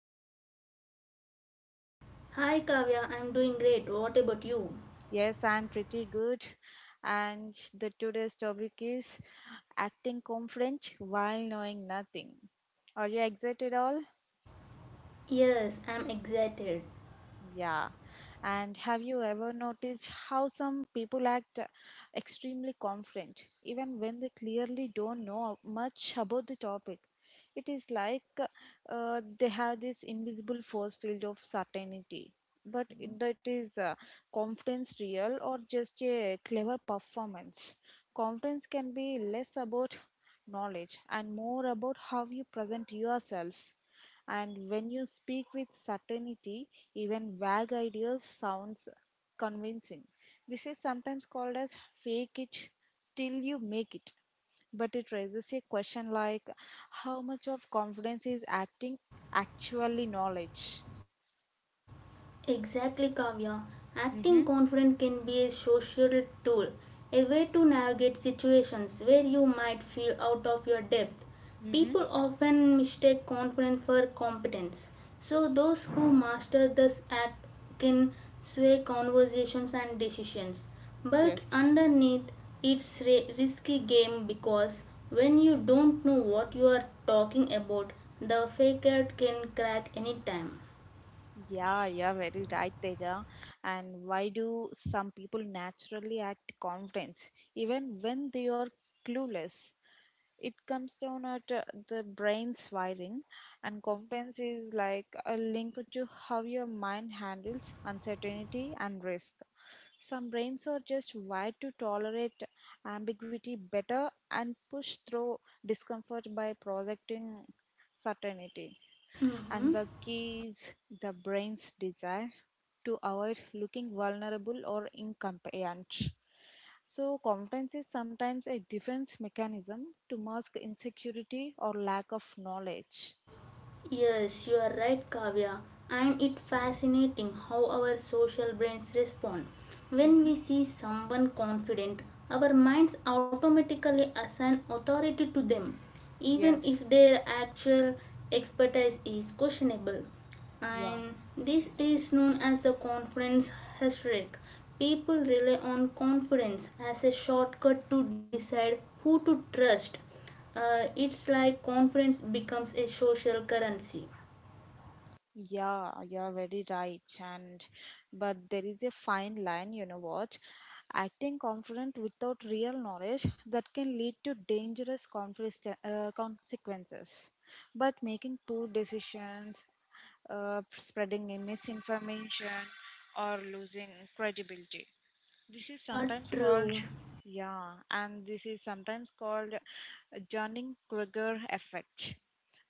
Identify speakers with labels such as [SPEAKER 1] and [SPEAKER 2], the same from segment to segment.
[SPEAKER 1] Hi Teja, how you are doing?
[SPEAKER 2] Hi Kavya, I'm doing great. What about you?
[SPEAKER 1] Yes, I'm pretty good. And the today's topic is acting confident while knowing nothing. Are you excited all?
[SPEAKER 2] Yes, I'm excited.
[SPEAKER 1] Yeah. And have you ever noticed how some people act extremely confident, even when they clearly don't know much about the topic? It is like they have this invisible force field of certainty. But that is confidence real or just a clever performance? Confidence can be less about knowledge and more about how you present yourselves, and when you speak with certainty, even vague ideas sounds convincing. This is sometimes called as fake it till you make it, but it raises a question like how much of confidence is acting actually knowledge.
[SPEAKER 2] Exactly, Kavya. Acting
[SPEAKER 1] Hmm.
[SPEAKER 2] confident can be a social tool, a way to navigate situations where you might feel out of your depth. People
[SPEAKER 1] Hmm.
[SPEAKER 2] often mistake confidence for competence, so those who master this act can sway conversations and decisions. But
[SPEAKER 1] Yes.
[SPEAKER 2] underneath, it's a risky game because when you don't know what you are talking about, the fake out can crack anytime.
[SPEAKER 1] Yeah, yeah, very right, Teja. And why do some people naturally act confidence even when they are clueless? It comes down at the brain's wiring. And confidence is like a link to how your mind handles uncertainty and risk. Some brains are just wired to tolerate ambiguity better and push through discomfort by projecting certainty. And
[SPEAKER 2] Mm-hmm.
[SPEAKER 1] the key is the brain's desire to avoid looking vulnerable or incompetent. So, confidence is sometimes a defense mechanism to mask insecurity or lack of knowledge.
[SPEAKER 2] Yes, you are right, Kavya. And it's fascinating how our social brains respond. When
[SPEAKER 1] Mm-hmm.
[SPEAKER 2] we see someone confident, our minds automatically assign authority to them, even
[SPEAKER 1] Yes.
[SPEAKER 2] if their actual expertise is questionable.
[SPEAKER 1] Yeah.
[SPEAKER 2] And this is known as the confidence heuristic. People rely on confidence as a shortcut to decide who to trust, it's like confidence becomes a social currency.
[SPEAKER 1] Yeah, you're very right. And but there is a fine line, you know what? Acting confident without real knowledge that can lead to dangerous conflict, consequences. But making poor decisions, spreading a misinformation, or losing credibility. This is
[SPEAKER 2] Yeah,
[SPEAKER 1] sometimes called,
[SPEAKER 2] true.
[SPEAKER 1] yeah, and this is sometimes called Johnning Kruger effect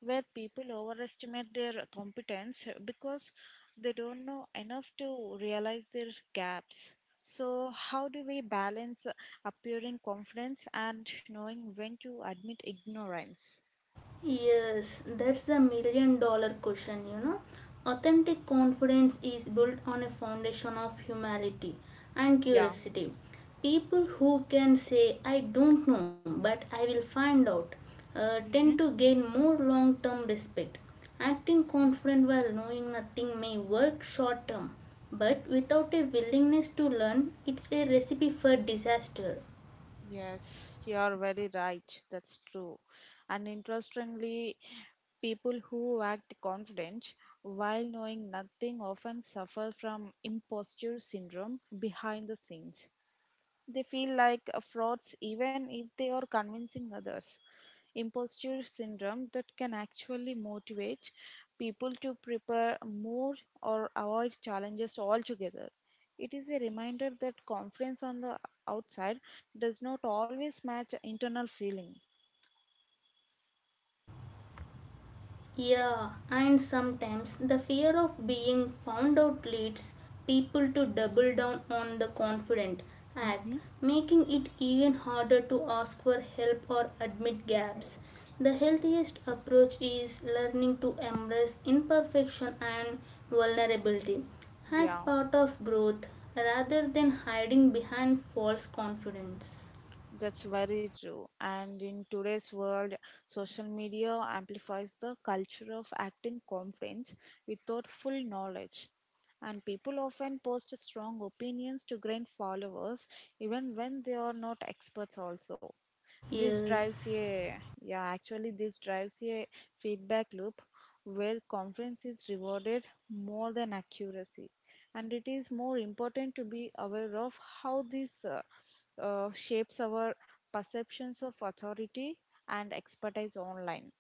[SPEAKER 1] where people overestimate their competence because they don't know enough to realize their gaps. So, how do we balance appearing confidence and knowing when to admit ignorance?
[SPEAKER 2] Yes, that's the million dollar question. Authentic confidence is built on a foundation of humility and
[SPEAKER 1] Yeah.
[SPEAKER 2] curiosity. People who can say, I don't know, but I will find out, tend to
[SPEAKER 1] Mm-hmm.
[SPEAKER 2] gain more long term respect. Acting confident while knowing nothing may work short term, but without a willingness to learn, it's a recipe for disaster.
[SPEAKER 1] Yes, you are very right. That's true. And interestingly, people who act confident while knowing nothing often suffer from imposture syndrome behind the scenes. They feel like frauds even if they are convincing others. Imposture syndrome that can actually motivate people to prepare more or avoid challenges altogether. It is a reminder that confidence on the outside does not always match internal feeling.
[SPEAKER 2] Yeah, and sometimes the fear of being found out leads people to double down on the confident act,
[SPEAKER 1] Mm-hmm.
[SPEAKER 2] making it even harder to ask for help or admit gaps. The healthiest approach is learning to embrace imperfection and vulnerability as
[SPEAKER 1] Yeah.
[SPEAKER 2] part of growth rather than hiding behind false confidence.
[SPEAKER 1] That's very true. And in today's world, social media amplifies the culture of acting confident without full knowledge. And people often post strong opinions to gain followers, even when they are not experts, also. This drives
[SPEAKER 2] Yes.
[SPEAKER 1] a yeah, actually this drives a feedback loop where conference is rewarded more than accuracy, and it is more important to be aware of how this shapes our perceptions of authority and expertise online.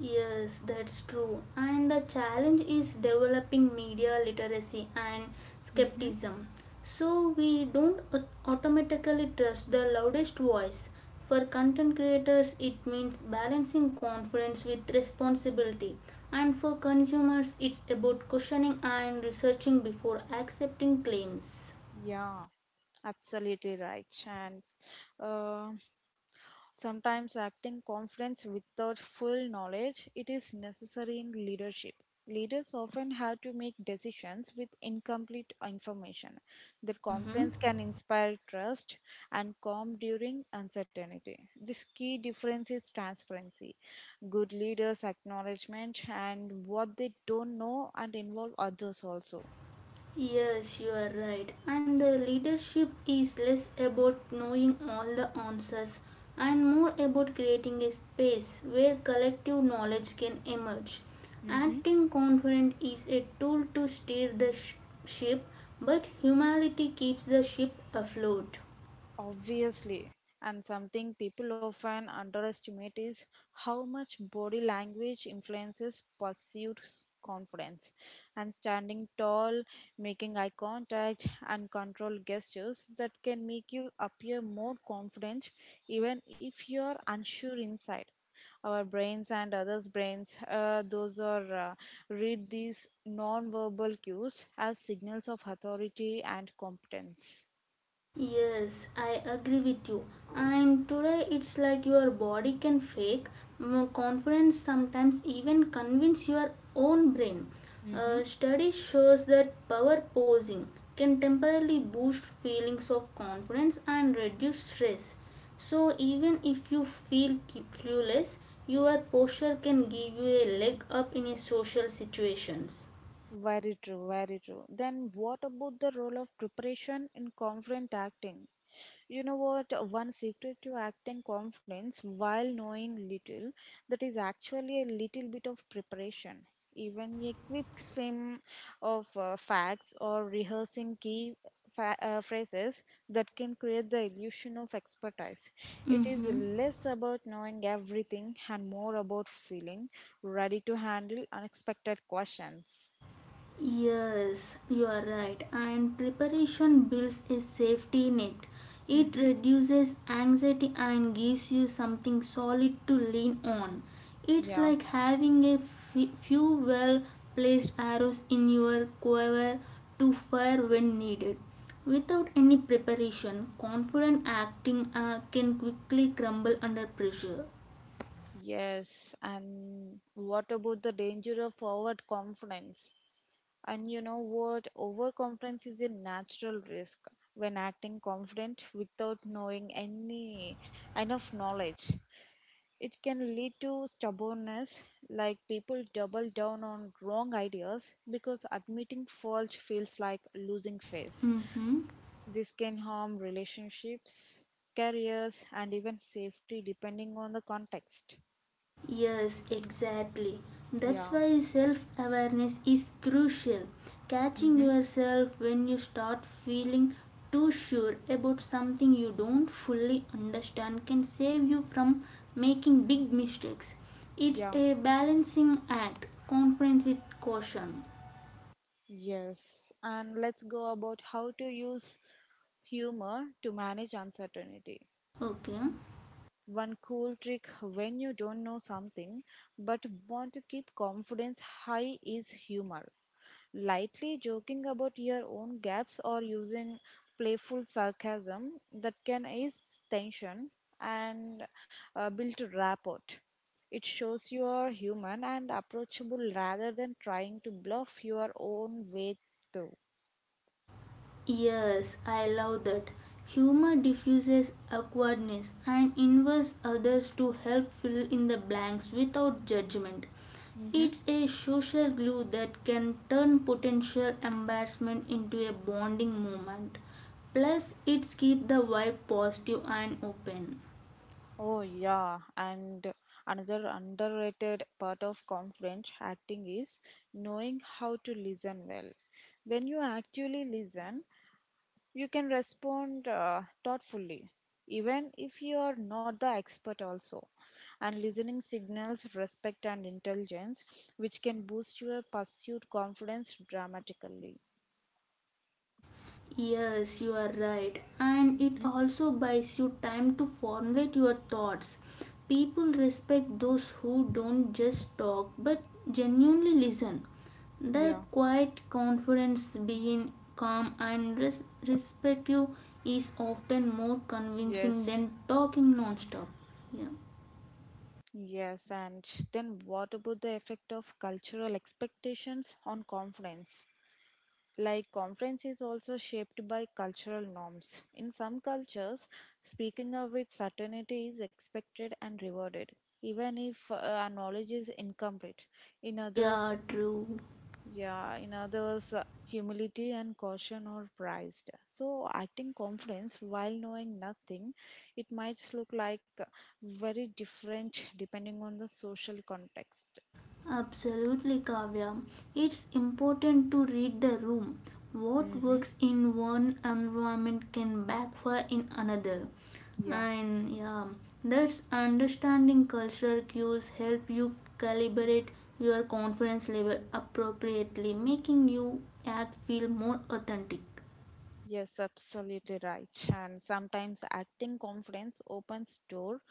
[SPEAKER 2] Yes, that's true. And the challenge is developing media literacy and skepticism. So we don't automatically trust the loudest voice. For content creators, it means balancing confidence with responsibility. And for consumers, it's about questioning and researching before accepting claims.
[SPEAKER 1] Yeah, absolutely right. And uh, sometimes acting confidence without full knowledge it is necessary in leadership. Leaders often have to make decisions with incomplete information. Their
[SPEAKER 2] Mhm.
[SPEAKER 1] confidence can inspire trust and calm during uncertainty. This key difference is transparency. Good leaders acknowledgement and what they don't know and involve others also.
[SPEAKER 2] Yes, you are right. And the leadership is less about knowing all the answers and more about creating a space where collective knowledge can emerge.
[SPEAKER 1] Mhm.
[SPEAKER 2] Acting confident is a tool to steer the ship, but humility keeps the ship afloat.
[SPEAKER 1] Obviously, and something people often underestimate is how much body language influences perceived confidence. And standing tall, making eye contact, and controlled gestures that can make you appear more confident even if you are unsure inside. Our brains and others' brains, those are read these non-verbal cues as signals of authority and competence.
[SPEAKER 2] Yes, I agree with you. And today it's like your body can fake confidence, sometimes even convince your own brain.
[SPEAKER 1] Mm-hmm.
[SPEAKER 2] Study shows that power posing can temporarily boost feelings of confidence and reduce stress. So even if you feel clueless, your posture can give you a leg up in a social situations.
[SPEAKER 1] Very true, very true. Then what about the role of preparation in confident acting? You know what? One secret to acting confidence while knowing little, that is actually a little bit of preparation. Even a quick swim of facts or rehearsing key phrases that can create the illusion of expertise. It is
[SPEAKER 2] Mm-hmm.
[SPEAKER 1] less about knowing everything and more about feeling ready to handle unexpected questions.
[SPEAKER 2] Yes, you are right. And preparation builds a safety net. It
[SPEAKER 1] Mm-hmm.
[SPEAKER 2] reduces anxiety and gives you something solid to lean on. It's
[SPEAKER 1] Yeah.
[SPEAKER 2] like having a few well placed arrows in your quiver to fire when needed. Without any preparation, confident acting can quickly crumble under pressure.
[SPEAKER 1] Yes. And what about the danger of overconfidence? And you know what? Overconfidence is a natural risk when acting confident without knowing any enough knowledge. It can lead to stubbornness, like people double down on wrong ideas because admitting fault feels like losing face.
[SPEAKER 2] Mm-hmm.
[SPEAKER 1] This can harm relationships, careers, and even safety depending on the context.
[SPEAKER 2] Yes, exactly. That's
[SPEAKER 1] Yeah.
[SPEAKER 2] why self awareness is crucial. Catching
[SPEAKER 1] Mm-hmm.
[SPEAKER 2] yourself when you start feeling too sure about something you don't fully understand can save you from making big mistakes. It's
[SPEAKER 1] Yeah,
[SPEAKER 2] a balancing act, confidence with caution.
[SPEAKER 1] yes. And let's go about how to use humor to manage uncertainty.
[SPEAKER 2] Okay.
[SPEAKER 1] One cool trick when you don't know something but want to keep confidence high is humor. Lightly joking about your own gaps or using playful sarcasm that can ease tension and build rapport. It shows you are human and approachable rather than trying to bluff your own way through.
[SPEAKER 2] Yes, I love that. Humor diffuses awkwardness and invites others to help fill in the blanks without judgment.
[SPEAKER 1] Mhm.
[SPEAKER 2] It's a social glue that can turn potential embarrassment into a bonding moment. Plus, it's keep the vibe positive and open.
[SPEAKER 1] Oh, yeah. And another underrated part of confident acting is knowing how to listen well. When you actually listen, you can respond thoughtfully, even if you are not the expert, also. And listening signals respect and intelligence, which can boost your pursuit confidence dramatically.
[SPEAKER 2] Yes, you are right. And it also buys you time to formulate your thoughts. People respect those who don't just talk but genuinely listen. That
[SPEAKER 1] Yeah.
[SPEAKER 2] quiet confidence, being calm and respectful, is often more convincing
[SPEAKER 1] Yes.
[SPEAKER 2] than talking non stop. Yeah.
[SPEAKER 1] Yes, and then what about the effect of cultural expectations on confidence? Like, confidence is also shaped by cultural norms. In some cultures, speaking up with certainty is expected and rewarded, even if our knowledge is incomplete. In others,
[SPEAKER 2] Yeah, true.
[SPEAKER 1] yeah, in others, humility and caution are prized. So, acting confidence while knowing nothing, it might look like very different depending on the social context.
[SPEAKER 2] Absolutely, Kavya. It's important to read the room. What
[SPEAKER 1] Mm-hmm.
[SPEAKER 2] works in one environment can backfire in another.
[SPEAKER 1] Yeah.
[SPEAKER 2] And yeah, that's understanding cultural cues help you calibrate your confidence level appropriately, making you act feel more authentic.
[SPEAKER 1] Yes, absolutely right. And sometimes acting confidence opens door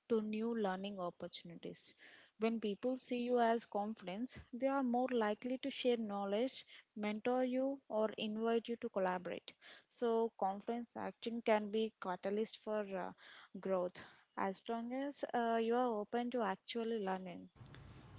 [SPEAKER 1] to new learning opportunities. When people see you as confident, they are more likely to share knowledge, mentor you, or invite you to collaborate. So confidence acting can be catalyst for growth as long as you are open to actually learning.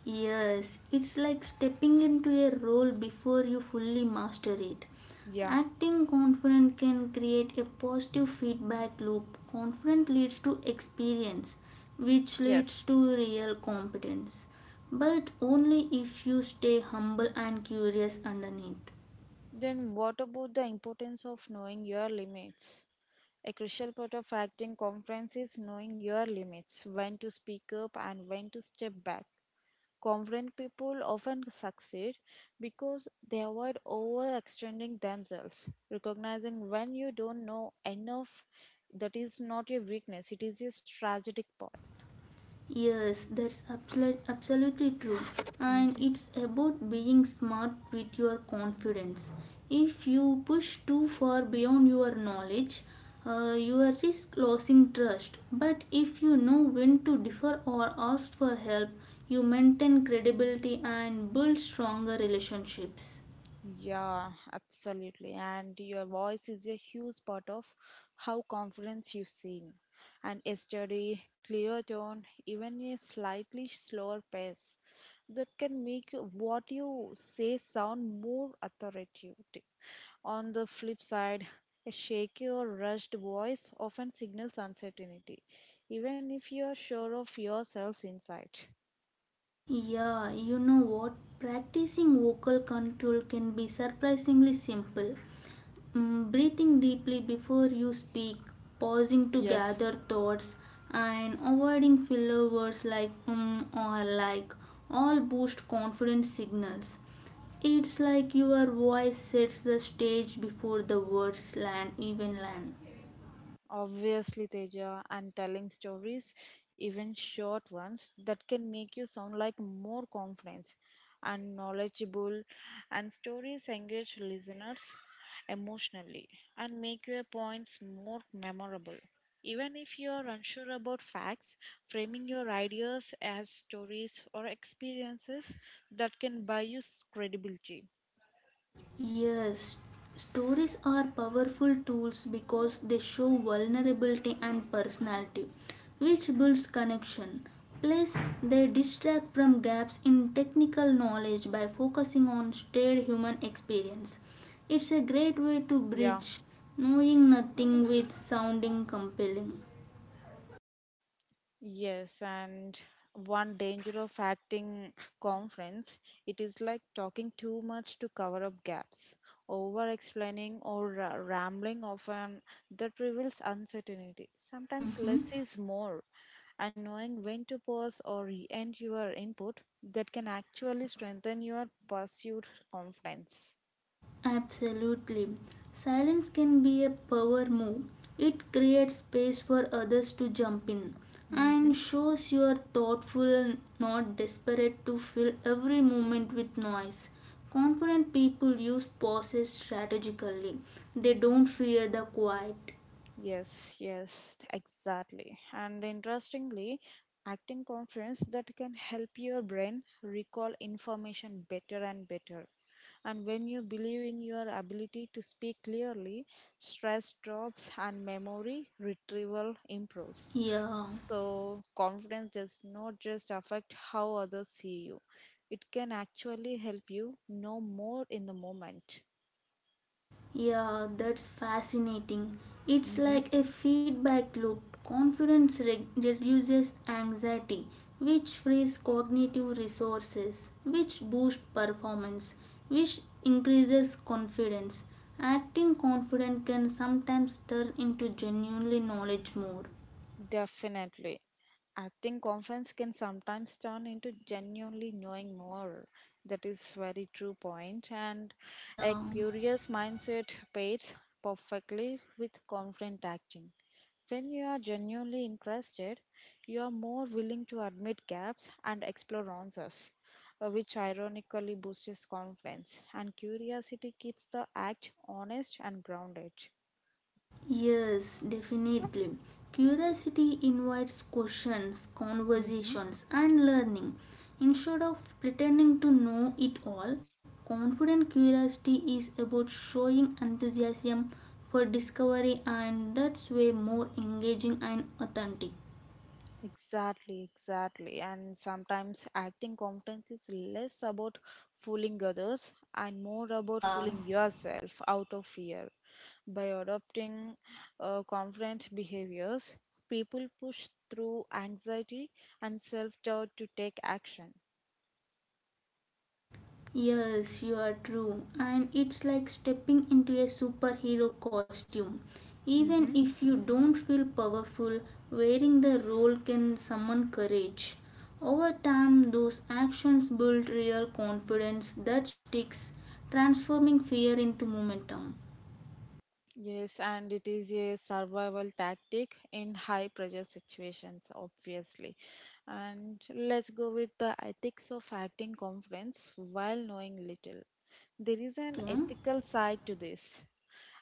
[SPEAKER 2] Yes, it's like stepping into a role before you fully master it.
[SPEAKER 1] Yeah.
[SPEAKER 2] Acting confident can create a positive feedback loop. Confident leads to experience, which
[SPEAKER 1] Yes.
[SPEAKER 2] leads to real competence. But only if you stay humble and curious underneath.
[SPEAKER 1] Then what about the importance of knowing your limits? A crucial part of acting confidence is knowing your limits, when to speak up and when to step back. Confident people often succeed because they avoid overextending themselves. Recognizing when you don't know enough, that is not a weakness, it is a strategic part.
[SPEAKER 2] Yes, that's absolutely true. And
[SPEAKER 1] Mhm.
[SPEAKER 2] it's about being smart with your confidence. If you push too far beyond your knowledge, you will risk losing trust. But if you know when to differ or ask for help, you maintain credibility and build stronger relationships.
[SPEAKER 1] Yeah, absolutely. And your voice is a huge part of how confidence you sing. And a steady, clear tone, even a slightly slower pace, that can make what you say sound more authoritative. On the flip side, a shaky or rushed voice often signals uncertainty, even if you are sure of yourself's insight.
[SPEAKER 2] Yeah, you know what? Practicing vocal control can be surprisingly simple. Breathing deeply before you speak, pausing to
[SPEAKER 1] Yes.
[SPEAKER 2] gather thoughts, and avoiding filler words like or like all boost confidence signals. It's like your voice sets the stage before the words land even land.
[SPEAKER 1] Obviously, Teja, and telling stories, even short ones, that can make you sound like more confident and knowledgeable. And stories engage listeners emotionally and make your points more memorable. Even if you are unsure about facts, framing your ideas as stories or experiences that can buy you credibility.
[SPEAKER 2] Yes, stories are powerful tools because they show vulnerability and personality, which builds connection. Plus, they distract from gaps in technical knowledge by focusing on shared human experience. It's a great way to
[SPEAKER 1] Yeah.
[SPEAKER 2] bridge knowing nothing with sounding compelling.
[SPEAKER 1] Yes, and one danger of acting conference, it is like talking too much to cover up gaps, over explaining or rambling often that reveals uncertainty. Sometimes
[SPEAKER 2] Mhm.
[SPEAKER 1] less is more, and knowing when to pause or end your input that can actually strengthen your pursued confidence.
[SPEAKER 2] Absolutely. Silence can be a power move. It creates space for others to jump in
[SPEAKER 1] Mhm.
[SPEAKER 2] and shows you are thoughtful and not desperate to fill every moment with noise. Confident people use pauses strategically, they don't fear the quiet.
[SPEAKER 1] Yes, yes, exactly. And interestingly, acting conference that can help your brain recall information better and better. And when you believe in your ability to speak clearly, stress drops and memory retrieval improves.
[SPEAKER 2] Yeah.
[SPEAKER 1] So, confidence does not just affect how others see you, it can actually help you know more in the moment.
[SPEAKER 2] Yeah, that's fascinating. It's
[SPEAKER 1] Mm-hmm.
[SPEAKER 2] like a feedback loop. Confidence reduces anxiety, which frees cognitive resources, which boosts performance, which increases confidence. Acting confident can sometimes turn into genuinely knowledge more.
[SPEAKER 1] Definitely. Acting conference can sometimes turn into genuinely knowing more. That is very true point. And a
[SPEAKER 2] Yeah.
[SPEAKER 1] curious mindset pairs perfectly with confident acting. When you are genuinely interested, you are more willing to admit gaps and explore answers, which ironically boosts confidence. And curiosity keeps the act honest and grounded.
[SPEAKER 2] Yes, definitely. Curiosity invites questions, conversations, and learning. Instead of pretending to know it all, confident curiosity is about showing enthusiasm for discovery, and that's way more engaging and authentic.
[SPEAKER 1] Exactly, exactly. And sometimes acting confidence is less about fooling others and more about
[SPEAKER 2] Yeah.
[SPEAKER 1] fooling yourself out of fear. By adopting confident behaviors, people push through anxiety and self doubt to take action.
[SPEAKER 2] Yes, you are true. And it's like stepping into a superhero costume. Even
[SPEAKER 1] Mm-hmm.
[SPEAKER 2] if you don't feel powerful, wearing the role can summon courage. Over time, those actions build real confidence that sticks, transforming fear into momentum.
[SPEAKER 1] Yes, and it is a survival tactic in high pressure situations, obviously. And let's go with the ethics of acting confidence while knowing little. There is an
[SPEAKER 2] Okay.
[SPEAKER 1] ethical side to this.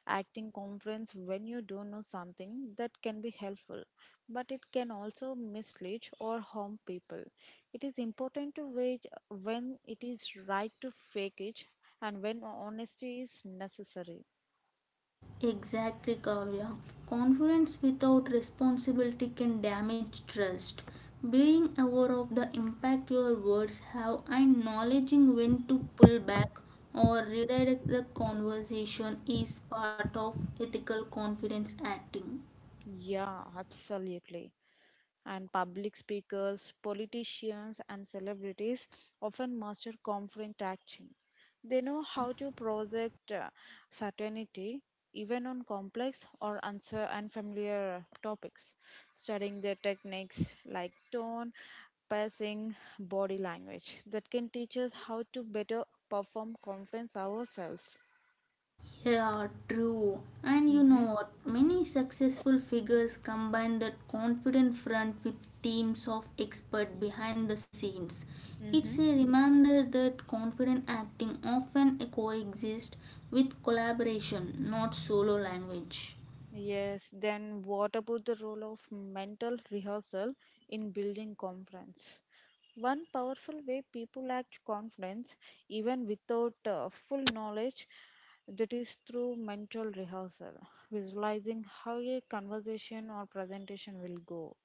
[SPEAKER 1] Acting confidence when you don't know something that can be helpful, but it can also mislead or harm people. It is important to wait when it is right to fake it and when honesty is necessary.
[SPEAKER 2] Exactly, Kavya. Confidence without responsibility can damage trust. Being aware of the impact your words have and knowledging when to pull back or redirect the conversation is part of ethical confidence acting.
[SPEAKER 1] Yeah, absolutely. And public speakers, politicians, and celebrities often master conflict action. They know
[SPEAKER 2] Uh,
[SPEAKER 1] how to project certainty even on complex or unfamiliar topics, studying their techniques like tone, passing, body language that can teach us how to better perform conference ourselves.
[SPEAKER 2] Yeah, true. And you
[SPEAKER 1] Mm-hmm.
[SPEAKER 2] know what? Many successful figures combine that confident front with teams of experts behind the scenes.
[SPEAKER 1] Mm-hmm.
[SPEAKER 2] It's a reminder that confident acting often coexists with collaboration, not solo language.
[SPEAKER 1] Yes, then what about the role of mental rehearsal in building confidence? One powerful way people act confidence, even without full knowledge, that is through mental rehearsal, visualizing how a conversation or presentation will go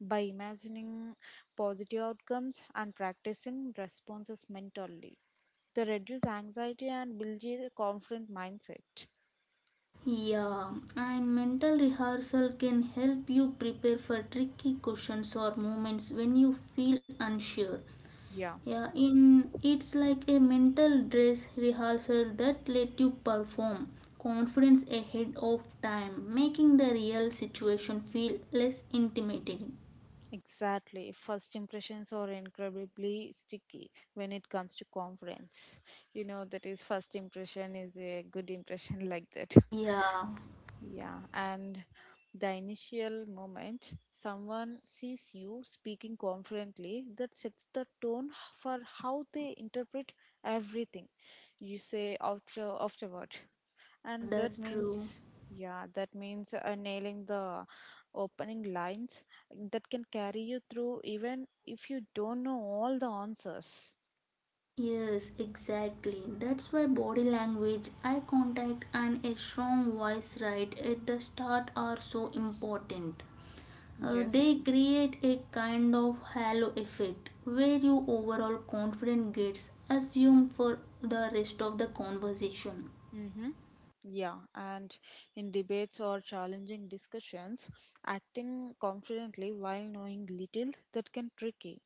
[SPEAKER 1] by imagining positive outcomes and practicing responses mentally. They reduce anxiety and build a confident mindset.
[SPEAKER 2] Yeah, and mental rehearsal can help you prepare for tricky questions or moments when you feel unsure.
[SPEAKER 1] Yeah.
[SPEAKER 2] Yeah, in it's like a mental dress rehearsal that let you perform confidence ahead of time, making the real situation feel less intimidating.
[SPEAKER 1] Exactly. First impressions are incredibly sticky when it comes to conference. You know, that is first impression is a good impression like that.
[SPEAKER 2] Yeah,
[SPEAKER 1] Yeah, and the initial moment someone sees you speaking confidently, that sets the tone for how they interpret everything you say after afterward. And that
[SPEAKER 2] that's true.
[SPEAKER 1] means, yeah, that means uh, nailing the opening lines that can carry you through even if you don't know all the answers.
[SPEAKER 2] Yes, exactly. That's why body language, eye contact, and a strong voice right at the start are so important. Uh,
[SPEAKER 1] Yes.
[SPEAKER 2] they create a kind of halo effect where your overall confidence gets assumed for the rest of the conversation.
[SPEAKER 1] Mm-hmm. Yeah, and in debates or challenging discussions, acting confidently while knowing little that can tricky.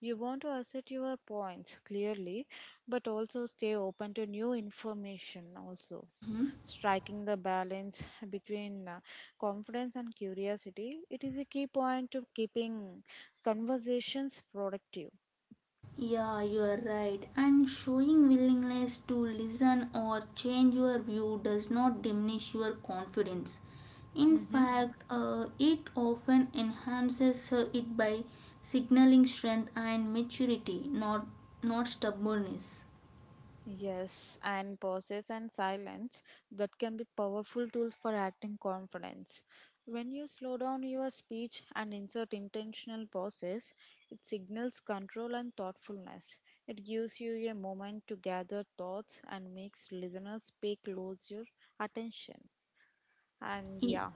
[SPEAKER 1] You want to assert your points clearly, but also stay open to new information also.
[SPEAKER 2] Mhm.
[SPEAKER 1] Striking the balance between confidence and curiosity, it is a key point to keeping conversations productive.
[SPEAKER 2] Yeah, you are right. And showing willingness to listen or change your view does not diminish your confidence. In
[SPEAKER 1] Mm-hmm.
[SPEAKER 2] fact, it often enhances it by signaling strength and maturity, not, not stubbornness.
[SPEAKER 1] Yes, and pauses and silence that can be powerful tools for acting confidence. When you slow down your speech and insert intentional pauses, it signals control and thoughtfulness. It gives you a moment to gather thoughts and makes listeners pay closer attention. And yeah,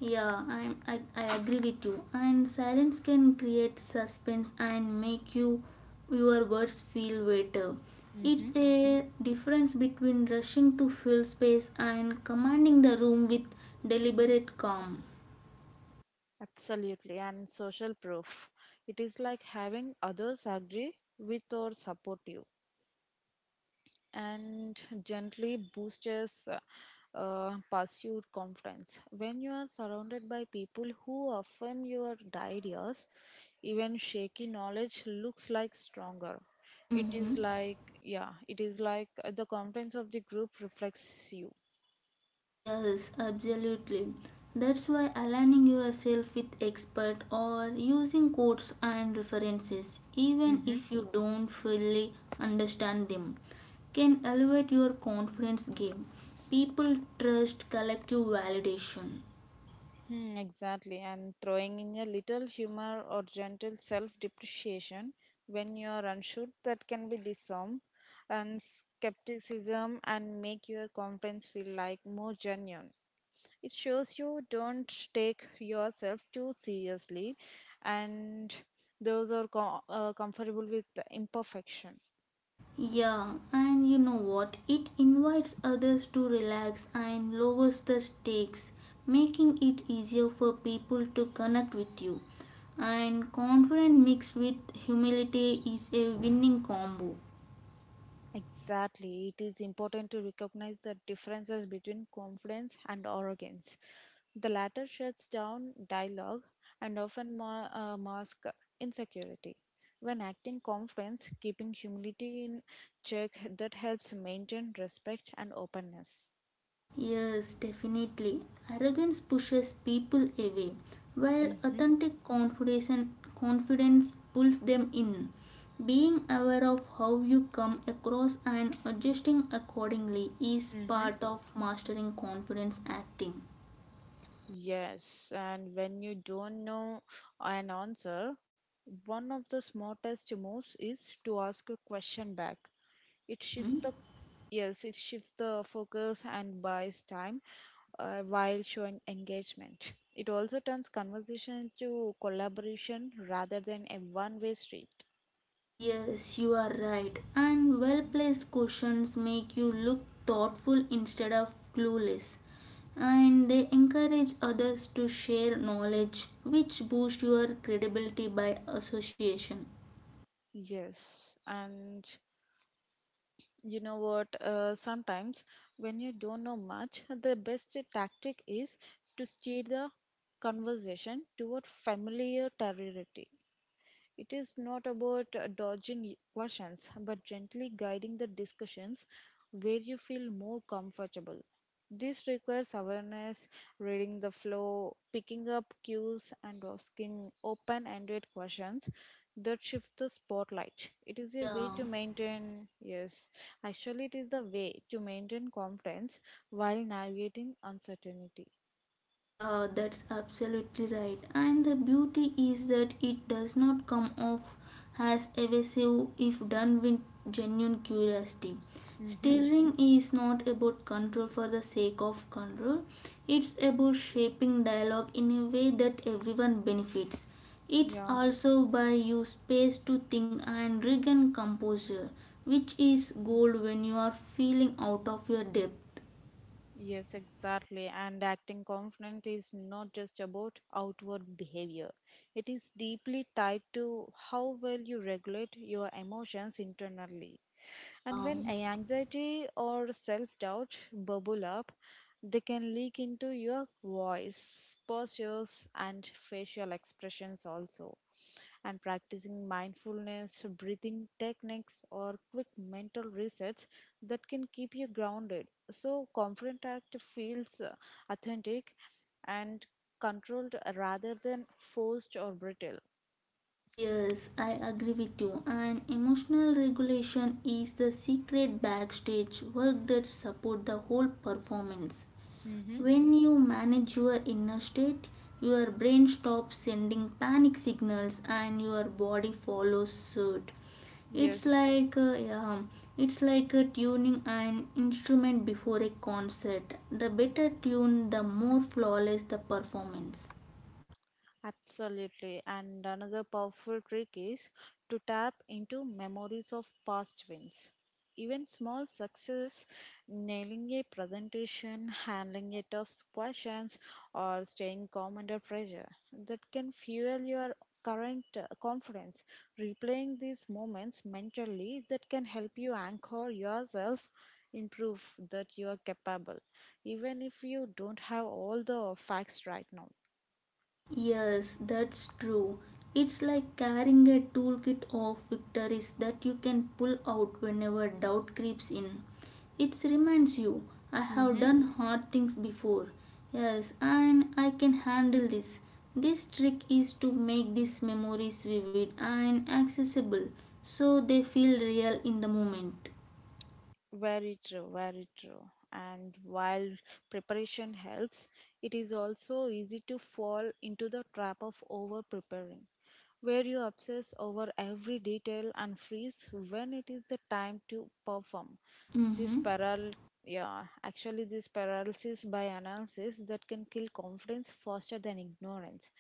[SPEAKER 2] Yeah, I agree with you. And silence can create suspense and make your words feel weighter. It's
[SPEAKER 1] hmm,
[SPEAKER 2] a difference between rushing to fill space and commanding the room with deliberate calm.
[SPEAKER 1] absolutely. And social proof. It is like having others agree with or support you and gently boosts pursued confidence. When you are surrounded by people who affirm your ideas, even shaky knowledge looks like stronger. It
[SPEAKER 2] Mm-hmm.
[SPEAKER 1] is like, yeah, it is like the confidence of the group reflects you.
[SPEAKER 2] Yes, absolutely. That's why aligning yourself with expert or using quotes and references, even
[SPEAKER 1] Mhm.
[SPEAKER 2] if you don't fully understand them, can elevate your confidence game. People trust collective validation.
[SPEAKER 1] Hmm, exactly, and throwing in a little humor or gentle self depreciation when you are unsure that can be disarm and skepticism and make your confidence feel like more genuine. It shows you don't take yourself too seriously and those are comfortable with the imperfection.
[SPEAKER 2] Yeah, and you know what? It invites others to relax and lowers the stakes, making it easier for people to connect with you. And confidence mixed with humility is a winning combo.
[SPEAKER 1] Exactly. It is important to recognize the differences between confidence and arrogance. The latter shuts down dialogue and often masks insecurity. When acting confidence, keeping humility in check, that helps maintain respect and openness.
[SPEAKER 2] Yes, definitely. Arrogance pushes people away, while
[SPEAKER 1] Mm-hmm.
[SPEAKER 2] authentic confidence pulls them in. Being aware of how you come across and adjusting accordingly is
[SPEAKER 1] Mm-hmm.
[SPEAKER 2] part of mastering confidence acting.
[SPEAKER 1] Yes, and when you don't know an answer, one of the smartest moves is to ask a question back. It shifts
[SPEAKER 2] Mhm.
[SPEAKER 1] the Yes, it shifts the focus and buys time while showing engagement. It also turns conversation to collaboration rather than a one way street.
[SPEAKER 2] Yes, you are right. And well placed questions make you look thoughtful instead of clueless. And they encourage others to share knowledge, which boosts your credibility by association.
[SPEAKER 1] Yes, and you know what? Sometimes when you don't know much, the best tactic is to steer the conversation toward familiar territory. It is not about dodging questions, but gently guiding the discussions where you feel more comfortable. This requires awareness, reading the flow, picking up cues, and asking open ended questions that shift the spotlight. It is a way
[SPEAKER 2] Yeah.
[SPEAKER 1] to maintain, yes, Actually, it is the way to maintain confidence while navigating uncertainty.
[SPEAKER 2] Yeah, that's absolutely right. And the beauty is that it does not come off as evasive if done with genuine curiosity.
[SPEAKER 1] Mm-hmm.
[SPEAKER 2] Steering is not about control for the sake of control, it's about shaping dialogue in a way that everyone benefits. It's
[SPEAKER 1] Yeah.
[SPEAKER 2] also by you space to think and regain composure, which is gold when you are feeling out of your depth.
[SPEAKER 1] Yes, exactly. And acting confident is not just about outward behavior. It is deeply tied to how well you regulate your emotions internally. And
[SPEAKER 2] Yeah.
[SPEAKER 1] when anxiety or self doubt bubble up, they can leak into your voice, postures, and facial expressions also. And practicing mindfulness, breathing techniques, or quick mental resets that can keep you grounded. So, confident act feels authentic and controlled rather than forced or brittle.
[SPEAKER 2] Yes, I agree with you. And emotional regulation is the secret backstage work that support the whole performance.
[SPEAKER 1] Mm-hmm.
[SPEAKER 2] When you manage your inner state, your brain stops sending panic signals and your body follows suit. It's
[SPEAKER 1] Yes.
[SPEAKER 2] like uh, yeah, it's like a tuning an instrument before a concert. The better tune, the more flawless the performance.
[SPEAKER 1] Absolutely. And another powerful trick is to tap into memories of past wins. Even small success, nailing a presentation, handling a tough questions, or staying calm under pressure, that can fuel your current confidence. Replaying these moments mentally, that can help you anchor yourself in proof that you are capable, even if you don't have all the facts right now.
[SPEAKER 2] Yes, that's true. It's like carrying a toolkit of victories that you can pull out whenever doubt creeps in. It reminds you, I have done hard things before. Yes, and I can handle this. This trick is to make these memories vivid and accessible so they feel real in the moment.
[SPEAKER 1] Very true, very true. And while preparation helps, it is also easy to fall into the trap of over preparing, where you obsess over every detail and freeze when it is the time to perform. This
[SPEAKER 2] Mm-hmm.
[SPEAKER 1] paral yeah, Actually, this paralysis by analysis that can kill confidence faster than ignorance.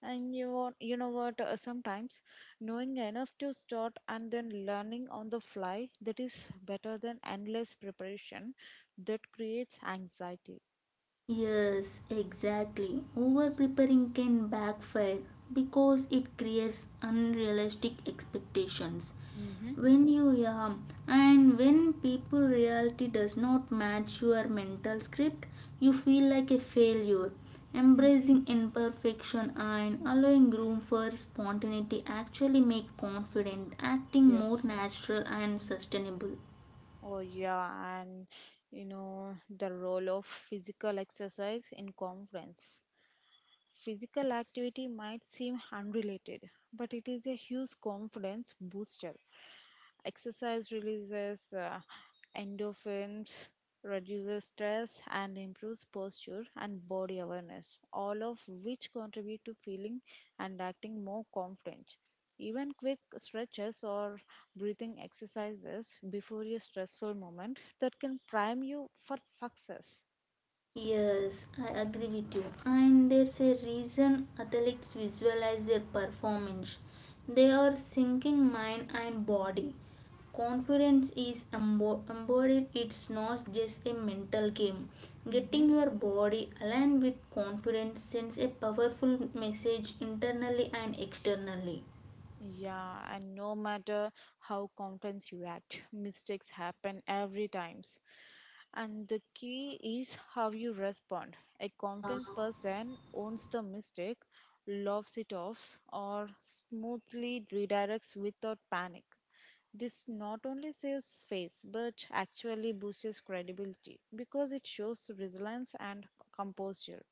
[SPEAKER 1] And you want, you know what? Sometimes knowing enough to start and then learning on the fly that is better than endless preparation that creates anxiety.
[SPEAKER 2] Yes, exactly. Over preparing can backfire because it creates unrealistic expectations.
[SPEAKER 1] Mm-hmm.
[SPEAKER 2] When you yam and when people reality does not match your mental script, you feel like a failure.
[SPEAKER 1] Mm-hmm.
[SPEAKER 2] Embracing imperfection and allowing room for spontaneity actually make confident acting more
[SPEAKER 1] Yes.
[SPEAKER 2] natural and sustainable.
[SPEAKER 1] Oh, yeah. And you know, the role of physical exercise in conference. Physical activity might seem unrelated, but it is a huge confidence booster. Exercise releases endorphins, reduces stress, and improves posture and body awareness, all of which contribute to feeling and acting more confident. Even quick stretches or breathing exercises before a stressful moment that can prime you for success.
[SPEAKER 2] Yes, I agree with you. And there's a reason athletes visualize their performance. They are syncing mind and body. Confidence is embodied, it's not just a mental game.
[SPEAKER 1] Mhm.
[SPEAKER 2] Getting your body aligned with confidence sends a powerful message internally and externally.
[SPEAKER 1] Yeah, and no matter how contents you act, mistakes happen every times. And the key is how you respond. A confident person owns the mistake, laughs it off, or smoothly redirects without panic. This not only saves face but actually boosts credibility because it shows resilience and composure.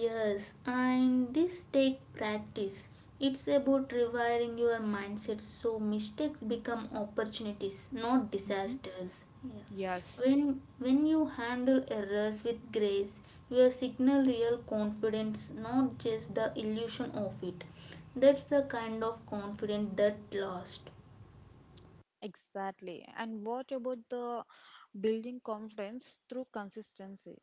[SPEAKER 2] Yes, and this take practice. It's about rewiring your mindset so mistakes become opportunities, not disasters. Yeah.
[SPEAKER 1] Yes.
[SPEAKER 2] When you handle errors with grace, you signal real confidence, not just the illusion of it. That's the kind of confidence that lasts.
[SPEAKER 1] Exactly. And what about the building confidence through consistency?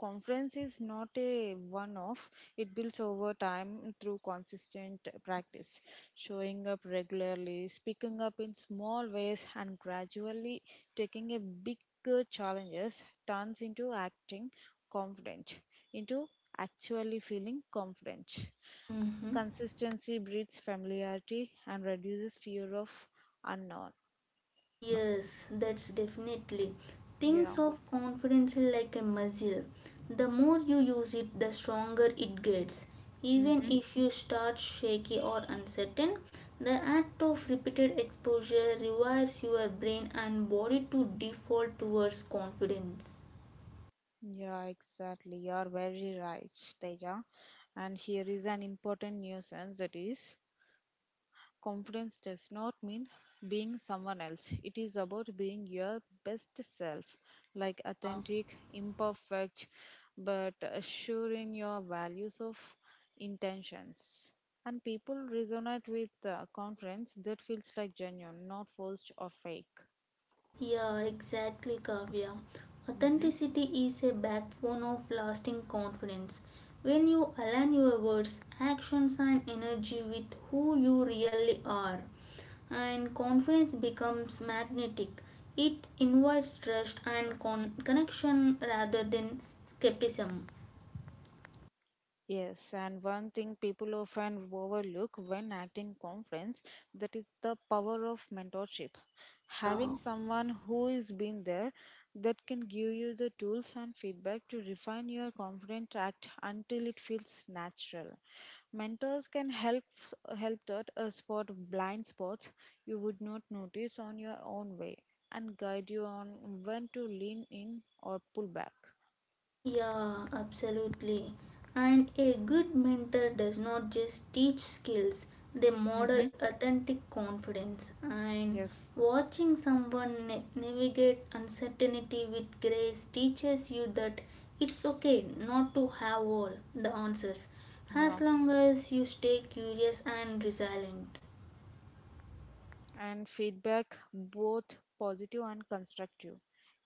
[SPEAKER 1] Confidence is not a one off, it builds over time through consistent practice, showing up regularly, speaking up in small ways, and gradually taking a bigger challenges turns into acting confident, into actually feeling confident.
[SPEAKER 2] Mm-hmm.
[SPEAKER 1] Consistency breeds familiarity and reduces fear of unknown.
[SPEAKER 2] Yes, that's definitely. Think
[SPEAKER 1] Yeah.
[SPEAKER 2] of confidence like a muscle. The more you use it, the stronger it gets. Even
[SPEAKER 1] Hmm.
[SPEAKER 2] if you start shaky or uncertain, the act of repeated exposure rewires your brain and body to default towards confidence.
[SPEAKER 1] Yeah, exactly. You are very right, Teja. And here is an important nuisance that is confidence does not mean being someone else. It is about being your best self, like authentic, imperfect, but sure in your values of intentions. And people resonate with confidence that feels like genuine, not forced or fake.
[SPEAKER 2] Yeah, exactly, Kavya. Authenticity is a backbone of lasting confidence. When you align your words, actions, and energy with who you really are, and confidence becomes magnetic. It invites trust and connection rather than skepticism.
[SPEAKER 1] Yes, and one thing people often overlook when acting conference that is the power of mentorship. Having
[SPEAKER 2] Yeah.
[SPEAKER 1] someone who is been there that can give you the tools and feedback to refine your confident act until it feels natural. Mentors can help help that spot blind spots you would not notice on your own way and guide you on when to lean in or pull back.
[SPEAKER 2] Yeah, absolutely. And a good mentor does not just teach skills, they model
[SPEAKER 1] Mm-hmm.
[SPEAKER 2] authentic confidence. And
[SPEAKER 1] Yes.
[SPEAKER 2] watching someone navigate uncertainty with grace teaches you that it's okay not to have all the answers as
[SPEAKER 1] Yeah.
[SPEAKER 2] long as you stay curious and resilient.
[SPEAKER 1] And feedback, both positive and constructive.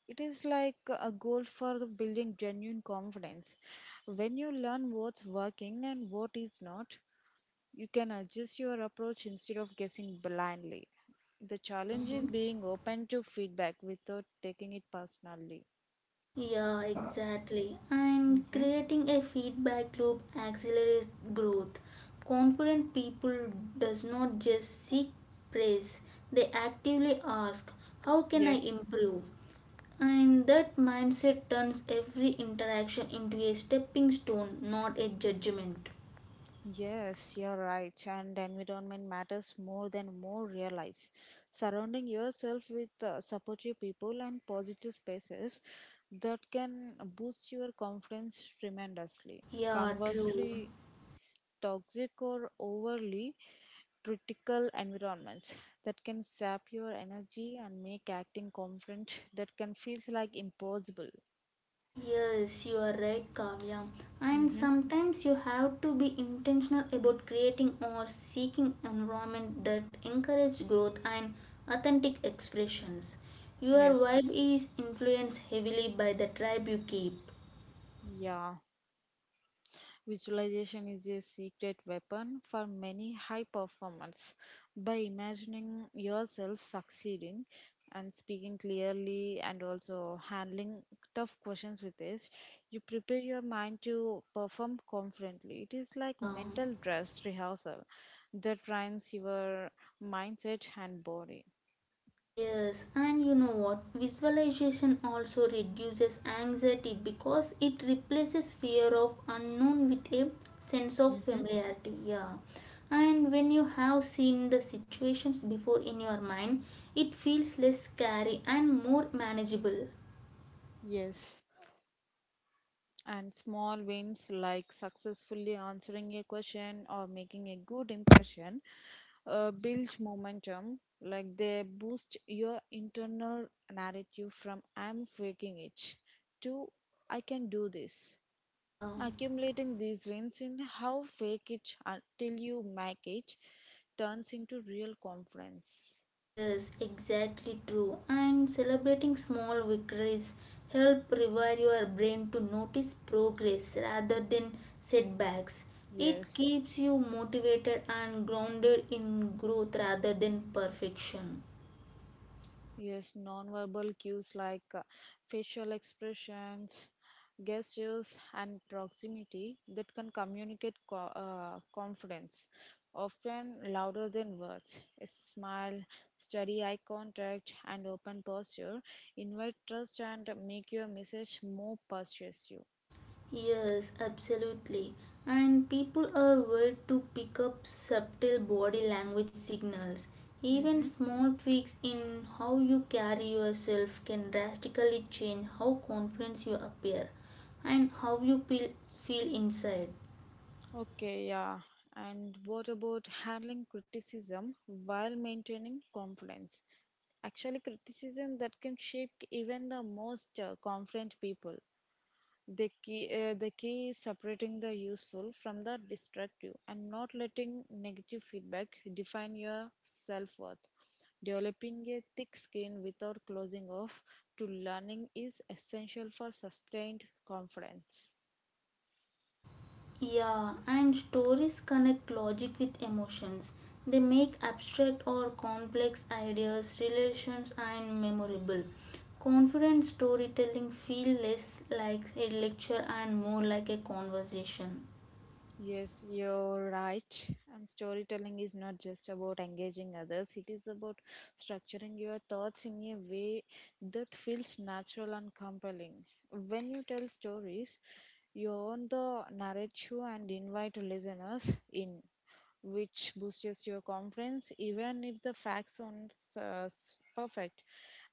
[SPEAKER 1] It is like a goal for building genuine confidence. When you learn what's working and what is not, you can adjust your approach instead of guessing blindly. The challenge is
[SPEAKER 2] Mm-hmm.
[SPEAKER 1] being open to feedback without taking it personally.
[SPEAKER 2] Yeah, exactly. And
[SPEAKER 1] Hmm.
[SPEAKER 2] creating a feedback loop accelerates growth. Confident people does not just seek praise, they actively ask, how can I
[SPEAKER 1] Yes.
[SPEAKER 2] improve? And that mindset turns every interaction into a stepping stone, not a judgment.
[SPEAKER 1] Yes, you're right, and environment matters more than more realize. Surrounding yourself with supportive people and positive spaces that can boost your confidence tremendously.
[SPEAKER 2] Yeah, true.
[SPEAKER 1] Conversely, toxic or overly critical environments that can sap your energy and make acting confident that can feels like impossible.
[SPEAKER 2] Yes, you are right, Kavya. And
[SPEAKER 1] Mm-hmm.
[SPEAKER 2] sometimes you have to be intentional about creating or seeking environment that encourage growth and authentic expressions. Your
[SPEAKER 1] Yes.
[SPEAKER 2] vibe is influenced heavily by the tribe you keep.
[SPEAKER 1] Yeah. Visualization is a secret weapon for many high performers. By imagining yourself succeeding and speaking clearly and also handling tough questions with this, you prepare your mind to perform confidently. It is like
[SPEAKER 2] Yeah.
[SPEAKER 1] mental dress rehearsal that primes your mindset and body.
[SPEAKER 2] Yes, and you know what? Visualization also reduces anxiety because it replaces fear of unknown with a sense of
[SPEAKER 1] Hmm.
[SPEAKER 2] familiarity. Yeah. And when you have seen the situations before in your mind, it feels less scary and more manageable.
[SPEAKER 1] Yes. And small wins like successfully answering a question or making a good impression builds momentum. Like they boost your internal narrative from I'm faking it to I can do this.
[SPEAKER 2] Yeah.
[SPEAKER 1] Accumulating these wins in how fake it until you make it turns into real confidence.
[SPEAKER 2] Yes, exactly true. And celebrating small victories help rewire your brain to notice progress rather than setbacks. It
[SPEAKER 1] Yes.
[SPEAKER 2] keeps you motivated and grounded in growth rather than perfection.
[SPEAKER 1] Yes, nonverbal cues like facial expressions, gestures, and proximity that can communicate confidence, often louder than words. A smile, steady eye contact, and open posture invite trust and make your message more persuasive.
[SPEAKER 2] Yes, absolutely. And people are weird to pick up subtle body language signals. Even
[SPEAKER 1] Mm-hmm.
[SPEAKER 2] small tweaks in how you carry yourself can drastically change how confident you appear and how you feel, feel inside.
[SPEAKER 1] Okay, yeah. And what about handling criticism while maintaining confidence? Actually, criticism that can shake even the most confident people. The key is separating the useful from the destructive and not letting negative feedback define your self worth. Developing a thick skin without closing off to learning is essential for sustained confidence.
[SPEAKER 2] Yeah, and stories connect logic with emotions. They make abstract or complex ideas, relations, and memorable. Confident storytelling feel less like a lecture and more like a conversation.
[SPEAKER 1] Yes, you're right. And storytelling is not just about engaging others, it is about structuring your thoughts in a way that feels natural and compelling. When you tell stories, you own the narrative and invite listeners in, which boosts your confidence even if the facts aren't perfect.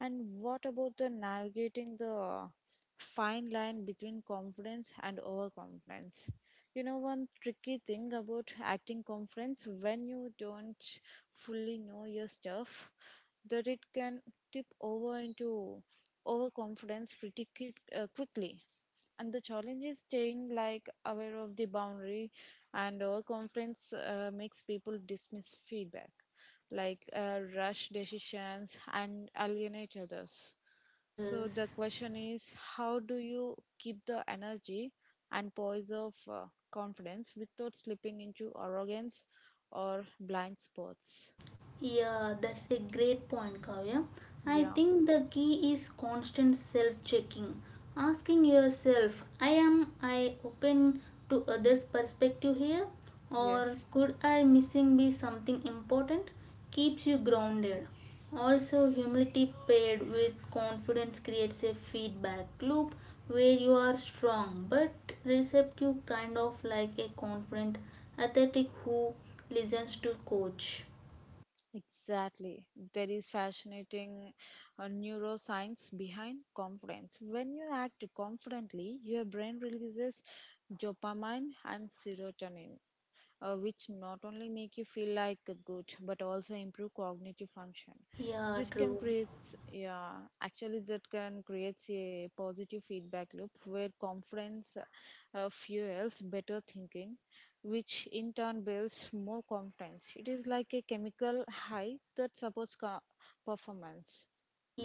[SPEAKER 1] And what about the navigating the fine line between confidence and overconfidence? You know, one tricky thing about acting confidence when you don't fully know your stuff, that it can tip over into overconfidence quickly. And the challenge is staying like aware of the boundary. And overconfidence makes people dismiss feedback, like rush decisions and alienate others. So the
[SPEAKER 2] Yes.
[SPEAKER 1] question is, how do you keep the energy and poise of confidence without slipping into arrogance or blind spots?
[SPEAKER 2] Yeah, that's a great point, Kavya. I
[SPEAKER 1] Yeah.
[SPEAKER 2] think the key is constant self checking. Asking yourself, I am I open to others' perspective here? Or
[SPEAKER 1] Yes.
[SPEAKER 2] could I missing be something important? Keeps you grounded. Also, humility paired with confidence creates a feedback loop where you are strong but receptive, kind of like a confident athletic who listens to coach.
[SPEAKER 1] Exactly. There is fascinating neuroscience behind confidence. When you act confidently, your brain releases dopamine and serotonin, which not only make you feel like a good but also improve cognitive function.
[SPEAKER 2] Yeah,
[SPEAKER 1] This can
[SPEAKER 2] true.
[SPEAKER 1] creates yeah Actually, that can creates a positive feedback loop where confidence fuels better thinking, which in turn builds more confidence. It is like a chemical high that supports performance.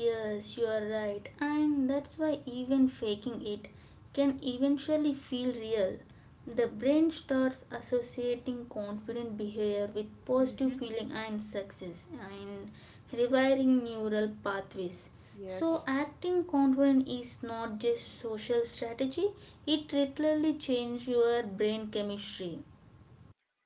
[SPEAKER 2] Yes, you are right. And that's why even faking it can eventually feel real. The brain starts associating confident behavior with positive
[SPEAKER 1] Mm-hmm.
[SPEAKER 2] feeling and success and rewiring neural pathways. So,
[SPEAKER 1] Yes.
[SPEAKER 2] acting confident is not just social strategy, it literally changes your brain chemistry.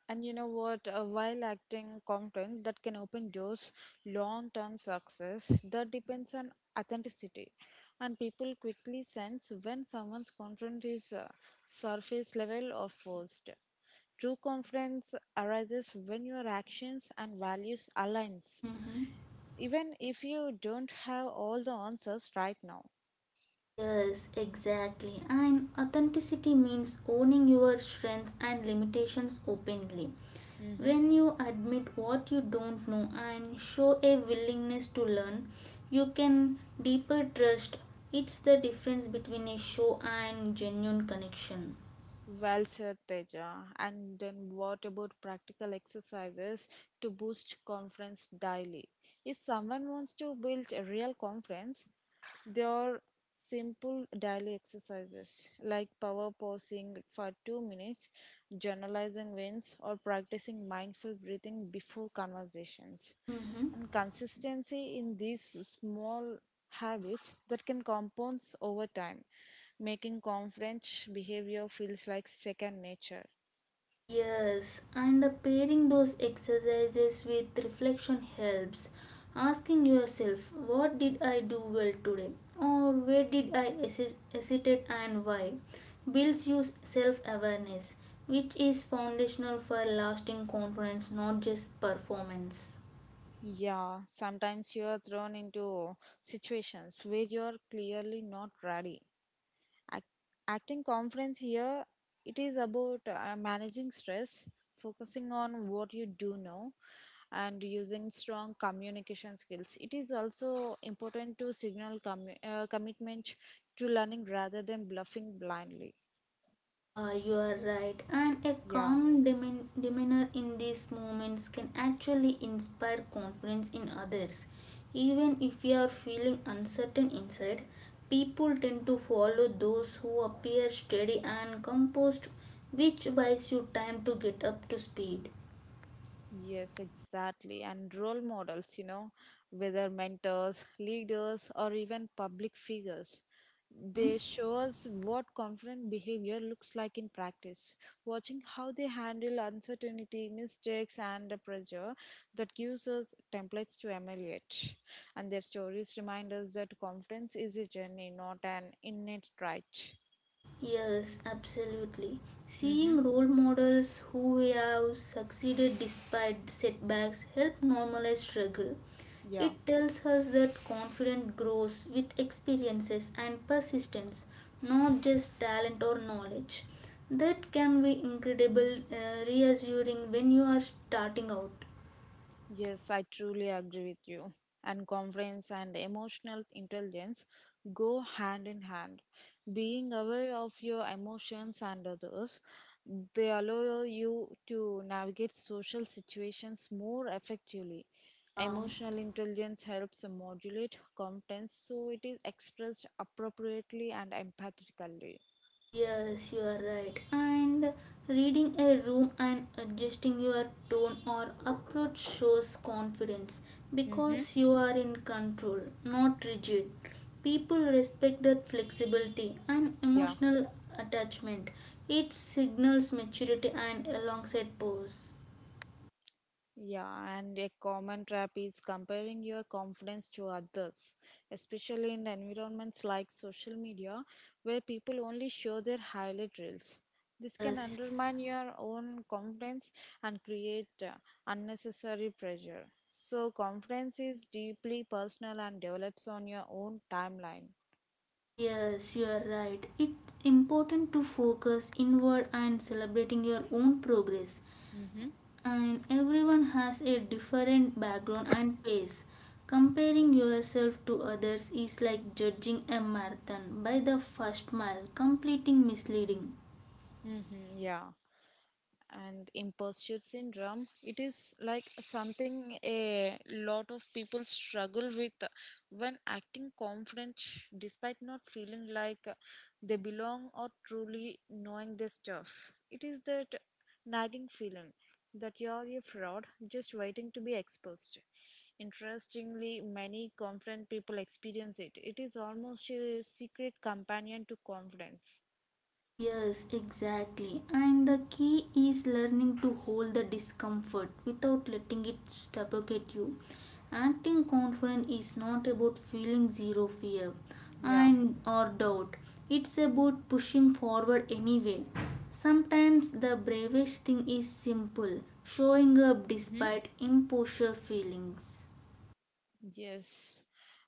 [SPEAKER 1] And you know what? While acting content that can open doors, long term success that depends on authenticity. And people quickly sense when someone's content is surface level or forced. True confidence arises when your actions and values aligns,
[SPEAKER 2] Mhm.
[SPEAKER 1] even if you don't have all the answers right now.
[SPEAKER 2] Yes, exactly. And authenticity means owning your strengths and limitations openly.
[SPEAKER 1] Mhm.
[SPEAKER 2] When you admit what you don't know and show a willingness to learn, you can deeper trust. It's the difference between a show and genuine connection.
[SPEAKER 1] Well said, Teja. And then what about practical exercises to boost confidence daily? If someone wants to build a real confidence, there are simple daily exercises like power posing for 2 minutes, journalizing wins, or practicing mindful breathing before conversations.
[SPEAKER 2] Mm-hmm.
[SPEAKER 1] And consistency in these small habits that can compound over time making conference behavior feels like second nature.
[SPEAKER 2] Yes, and pairing those exercises with reflection helps. Asking yourself, what did I do well today? Or where did I hesitate and why? Builds your self awareness, which is foundational for lasting confidence, not just performance.
[SPEAKER 1] Yeah, sometimes you are thrown into situations where you are clearly not ready. Act- Acting conference here, it is about managing stress, focusing on what you do know, and using strong communication skills. It is also important to signal commitment to learning rather than bluffing blindly.
[SPEAKER 2] Yeah, you are right. And a
[SPEAKER 1] Yeah.
[SPEAKER 2] calm demeanor in these moments can actually inspire confidence in others. Even if you are feeling uncertain inside, people tend to follow those who appear steady and composed, which buys you time to get up to speed.
[SPEAKER 1] Yes, exactly. And role models, whether mentors, leaders, or even public figures,
[SPEAKER 2] Mhm.
[SPEAKER 1] they show us what confident behavior looks like in practice. Watching how they handle uncertainty, mistakes, and the pressure that gives us templates to emulate. And their stories remind us that confidence is a journey, not an innate trait.
[SPEAKER 2] Yes, absolutely.
[SPEAKER 1] Mm-hmm.
[SPEAKER 2] Seeing role models who have succeeded despite setbacks help normalize struggle.
[SPEAKER 1] Yeah.
[SPEAKER 2] It tells us that confidence grows with experiences and persistence, not just talent or knowledge. That can be incredible, reassuring when you are starting out.
[SPEAKER 1] Yes, I truly agree with you. And conference and emotional intelligence go hand in hand. Being aware of your emotions and others, they allow you to navigate social situations more effectively.
[SPEAKER 2] Yeah.
[SPEAKER 1] Emotional intelligence helps modulate confidence so it is expressed appropriately and empathically.
[SPEAKER 2] Yes, you are right. And reading a room and adjusting your tone or approach shows confidence
[SPEAKER 1] Mm-hmm.
[SPEAKER 2] because you are in control, not rigid. People respect that flexibility and
[SPEAKER 1] Yeah.
[SPEAKER 2] emotional attachment. It signals maturity and alongside pose.
[SPEAKER 1] Yeah, and a common trap is comparing your confidence to others, especially in environments like social media, where people only show their highlight reels. This can
[SPEAKER 2] Yes,
[SPEAKER 1] undermine your own confidence and create unnecessary pressure. So, confidence is deeply personal and develops on your own timeline.
[SPEAKER 2] yes, you are right. It's important to focus inward and celebrating your own progress
[SPEAKER 1] Mm-hmm.
[SPEAKER 2] and everyone has a different background and pace. Comparing yourself to others is like judging a marathon by the first mile, completing misleading.
[SPEAKER 1] Mm-hmm. Yeah. And imposter syndrome, it is like something a lot of people struggle with when acting confident despite not feeling like they belong or truly knowing their stuff. It is that nagging feeling that you're a fraud just waiting to be exposed. Interestingly, many confident people experience it. It is almost a secret companion to confidence.
[SPEAKER 2] Yes, exactly. And the key is learning to hold the discomfort without letting it suffocate you. Acting confident is not about feeling zero fear
[SPEAKER 1] Yeah.
[SPEAKER 2] and or doubt. It's about pushing forward anyway. Sometimes the bravest thing is simple, showing up
[SPEAKER 1] Mhm.
[SPEAKER 2] despite imposture feelings.
[SPEAKER 1] Yes.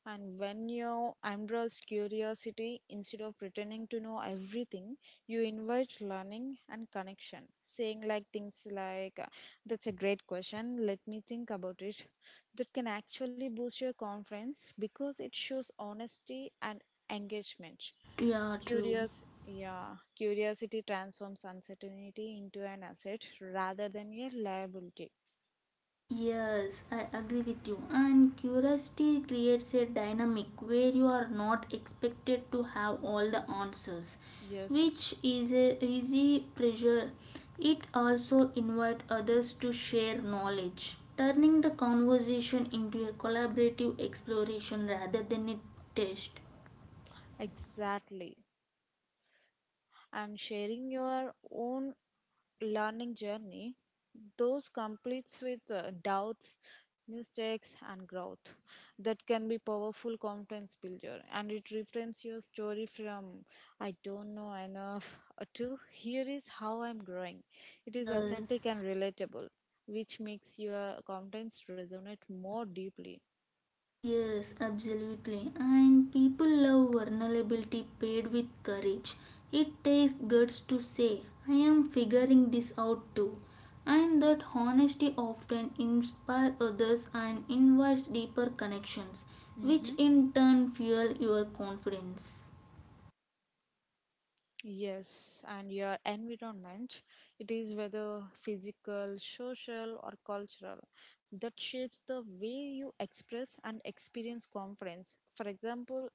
[SPEAKER 1] And when you embrace curiosity instead of pretending to know everything, you invite learning and connection. Saying like things like, that's a great question, let me think about it. That can actually boost your confidence because it shows honesty and engagement.
[SPEAKER 2] Yeah, true.
[SPEAKER 1] Yeah, curiosity transforms uncertainty into an asset rather than a liability.
[SPEAKER 2] Yes, I agree with you. And curiosity creates a dynamic where you are not expected to have all the answers,
[SPEAKER 1] Yes,
[SPEAKER 2] which is a easy pressure. It also invites others to share knowledge, turning the conversation into a collaborative exploration rather than a test.
[SPEAKER 1] exactly. And sharing your own learning journey, those completes with doubts, mistakes, and growth. That can be powerful confidence builder, and it reframes your story from "I don't know enough" to "Here is how I'm growing." It is authentic
[SPEAKER 2] Yes.
[SPEAKER 1] and relatable, which makes your confidence resonate more deeply.
[SPEAKER 2] Yes, absolutely. And people love vulnerability paired with courage. It takes guts to say, I am figuring this out too. And that honesty often inspires others and invites deeper connections, which
[SPEAKER 1] Mhm.
[SPEAKER 2] in turn fuel your confidence.
[SPEAKER 1] Yes, and your environment, it is whether physical, social, or cultural, that shapes the way you express and experience confidence. For example,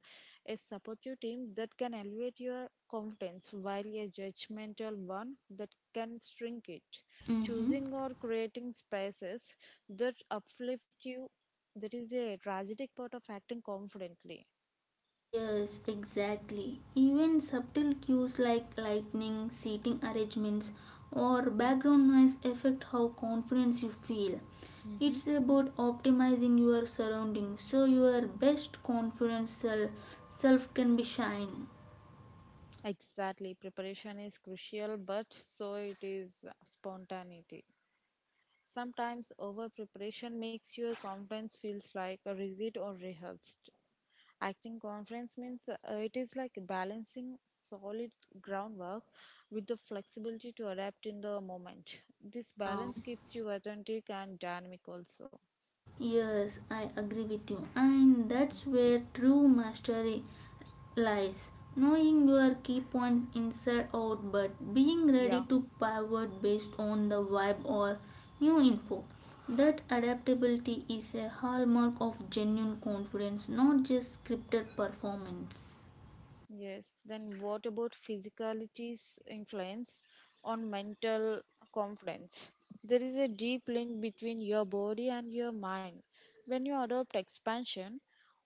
[SPEAKER 1] a supportive team that can elevate your confidence, while a judgmental one that can shrink it.
[SPEAKER 2] Mm-hmm.
[SPEAKER 1] Choosing or creating spaces that uplift you, that is a tragic part of acting confidently.
[SPEAKER 2] Yes, exactly. Even subtle cues like lighting, seating arrangements, or background noise affect how confident you feel.
[SPEAKER 1] Mm-hmm.
[SPEAKER 2] It's about optimizing your surroundings so your best confident self can be shine.
[SPEAKER 1] Exactly. Preparation is crucial, but so it is spontaneity. Sometimes over preparation makes your conference feels like a rigid or rehearsed. Acting conference means it is like balancing solid groundwork with the flexibility to adapt in the moment. This
[SPEAKER 2] Yeah,
[SPEAKER 1] balance keeps you authentic and dynamic also.
[SPEAKER 2] yes, I agree with you. And that's where true mastery lies. Knowing your key points inside out, but being ready
[SPEAKER 1] Yeah.
[SPEAKER 2] to pivot based on the vibe or new info. That adaptability is a hallmark of genuine confidence, not just scripted performance.
[SPEAKER 1] Yes, then what about physicality's influence on mental confidence? There is a deep link between your body and your mind. When you adopt expansion,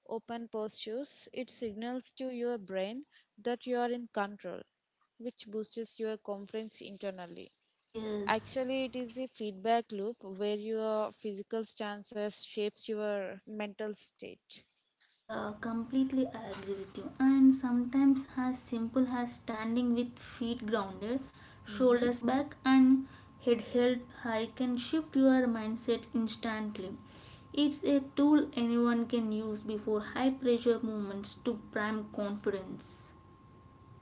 [SPEAKER 1] open postures, it signals to your brain that you are in control, which boosts your confidence internally.
[SPEAKER 2] Yes,
[SPEAKER 1] Actually, it is a feedback loop where your physical stances shapes your mental state.
[SPEAKER 2] yeah, completely I agree with you. And sometimes as simple as standing with feet grounded,
[SPEAKER 1] Mm-hmm.
[SPEAKER 2] shoulders back, and head held high can shift your mindset instantly. It's a tool anyone can use before high pressure moments to prime confidence.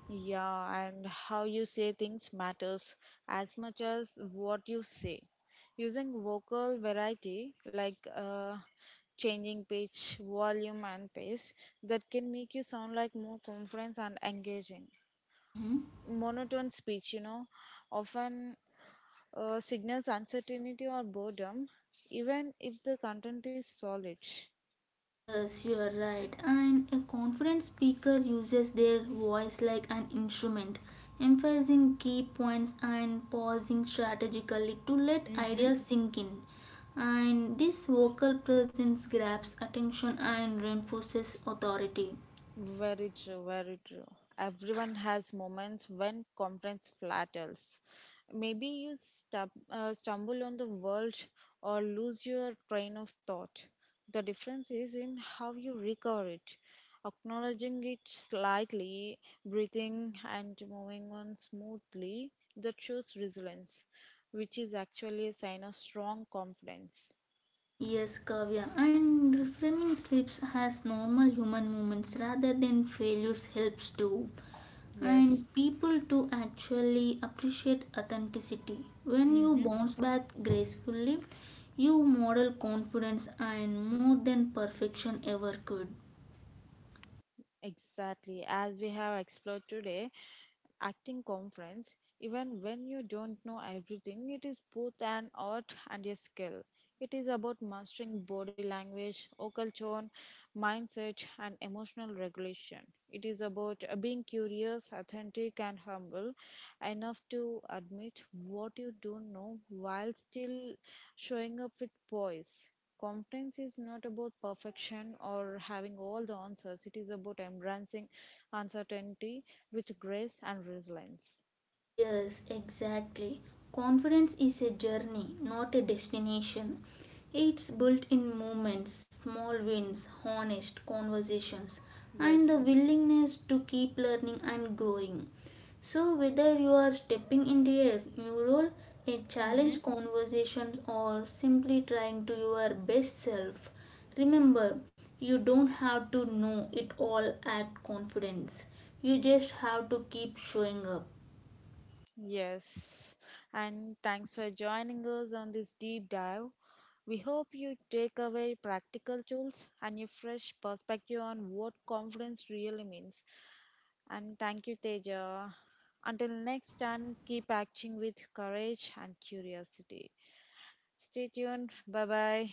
[SPEAKER 1] Yeah, and how you say things matters as much as what you say. Using vocal variety, like changing pitch, volume, and pace, that can make you sound like more confident and engaging.
[SPEAKER 2] Mhm.
[SPEAKER 1] Monotone speech, often signals uncertainty or boredom, even if the content is solid.
[SPEAKER 2] Yes, you are right. And a confident speaker uses their voice like an instrument, emphasizing key points and pausing strategically to let
[SPEAKER 1] Mm-hmm.
[SPEAKER 2] ideas sink in. And this vocal presence grabs attention and reinforces authority.
[SPEAKER 1] Very true, very true. Everyone has moments when confidence flatters. Maybe you stumble on the world or lose your train of thought. The difference is in how you recover it. Acknowledging it slightly, breathing, and moving on smoothly, that shows resilience, which is actually a sign of strong confidence.
[SPEAKER 2] Yes, Kavya, and reframing slips as normal human moments rather than failures helps too. And
[SPEAKER 1] Yes.
[SPEAKER 2] people to actually appreciate authenticity. When you
[SPEAKER 1] Mm-hmm.
[SPEAKER 2] bounce back gracefully, you model confidence and more than perfection ever could.
[SPEAKER 1] Exactly. As we have explored today, acting conference, even when you don't know everything, it is both an art and a skill. It is about mastering body language, vocal tone, mindset, and emotional regulation. It is about being curious, authentic, and humble enough to admit what you don't know while still showing up with poise. Confidence is not about perfection or having all the answers. It is about embracing uncertainty with grace and resilience.
[SPEAKER 2] Yes, exactly. Confidence is a journey, not a destination. It's built in moments, small wins, honest conversations, and the
[SPEAKER 1] Yes.
[SPEAKER 2] willingness to keep learning and growing. So, whether you are stepping into a new role, a
[SPEAKER 1] Mm-hmm.
[SPEAKER 2] challenge conversations, or simply trying to your best self, remember you don't have to know it all at confidence. You just have to keep showing up.
[SPEAKER 1] Yes, and thanks for joining us on this deep dive. We hope you take away practical tools and a fresh perspective on what confidence really means. And thank you, Teja. Until next time, keep acting with courage and curiosity. Stay tuned. Bye bye.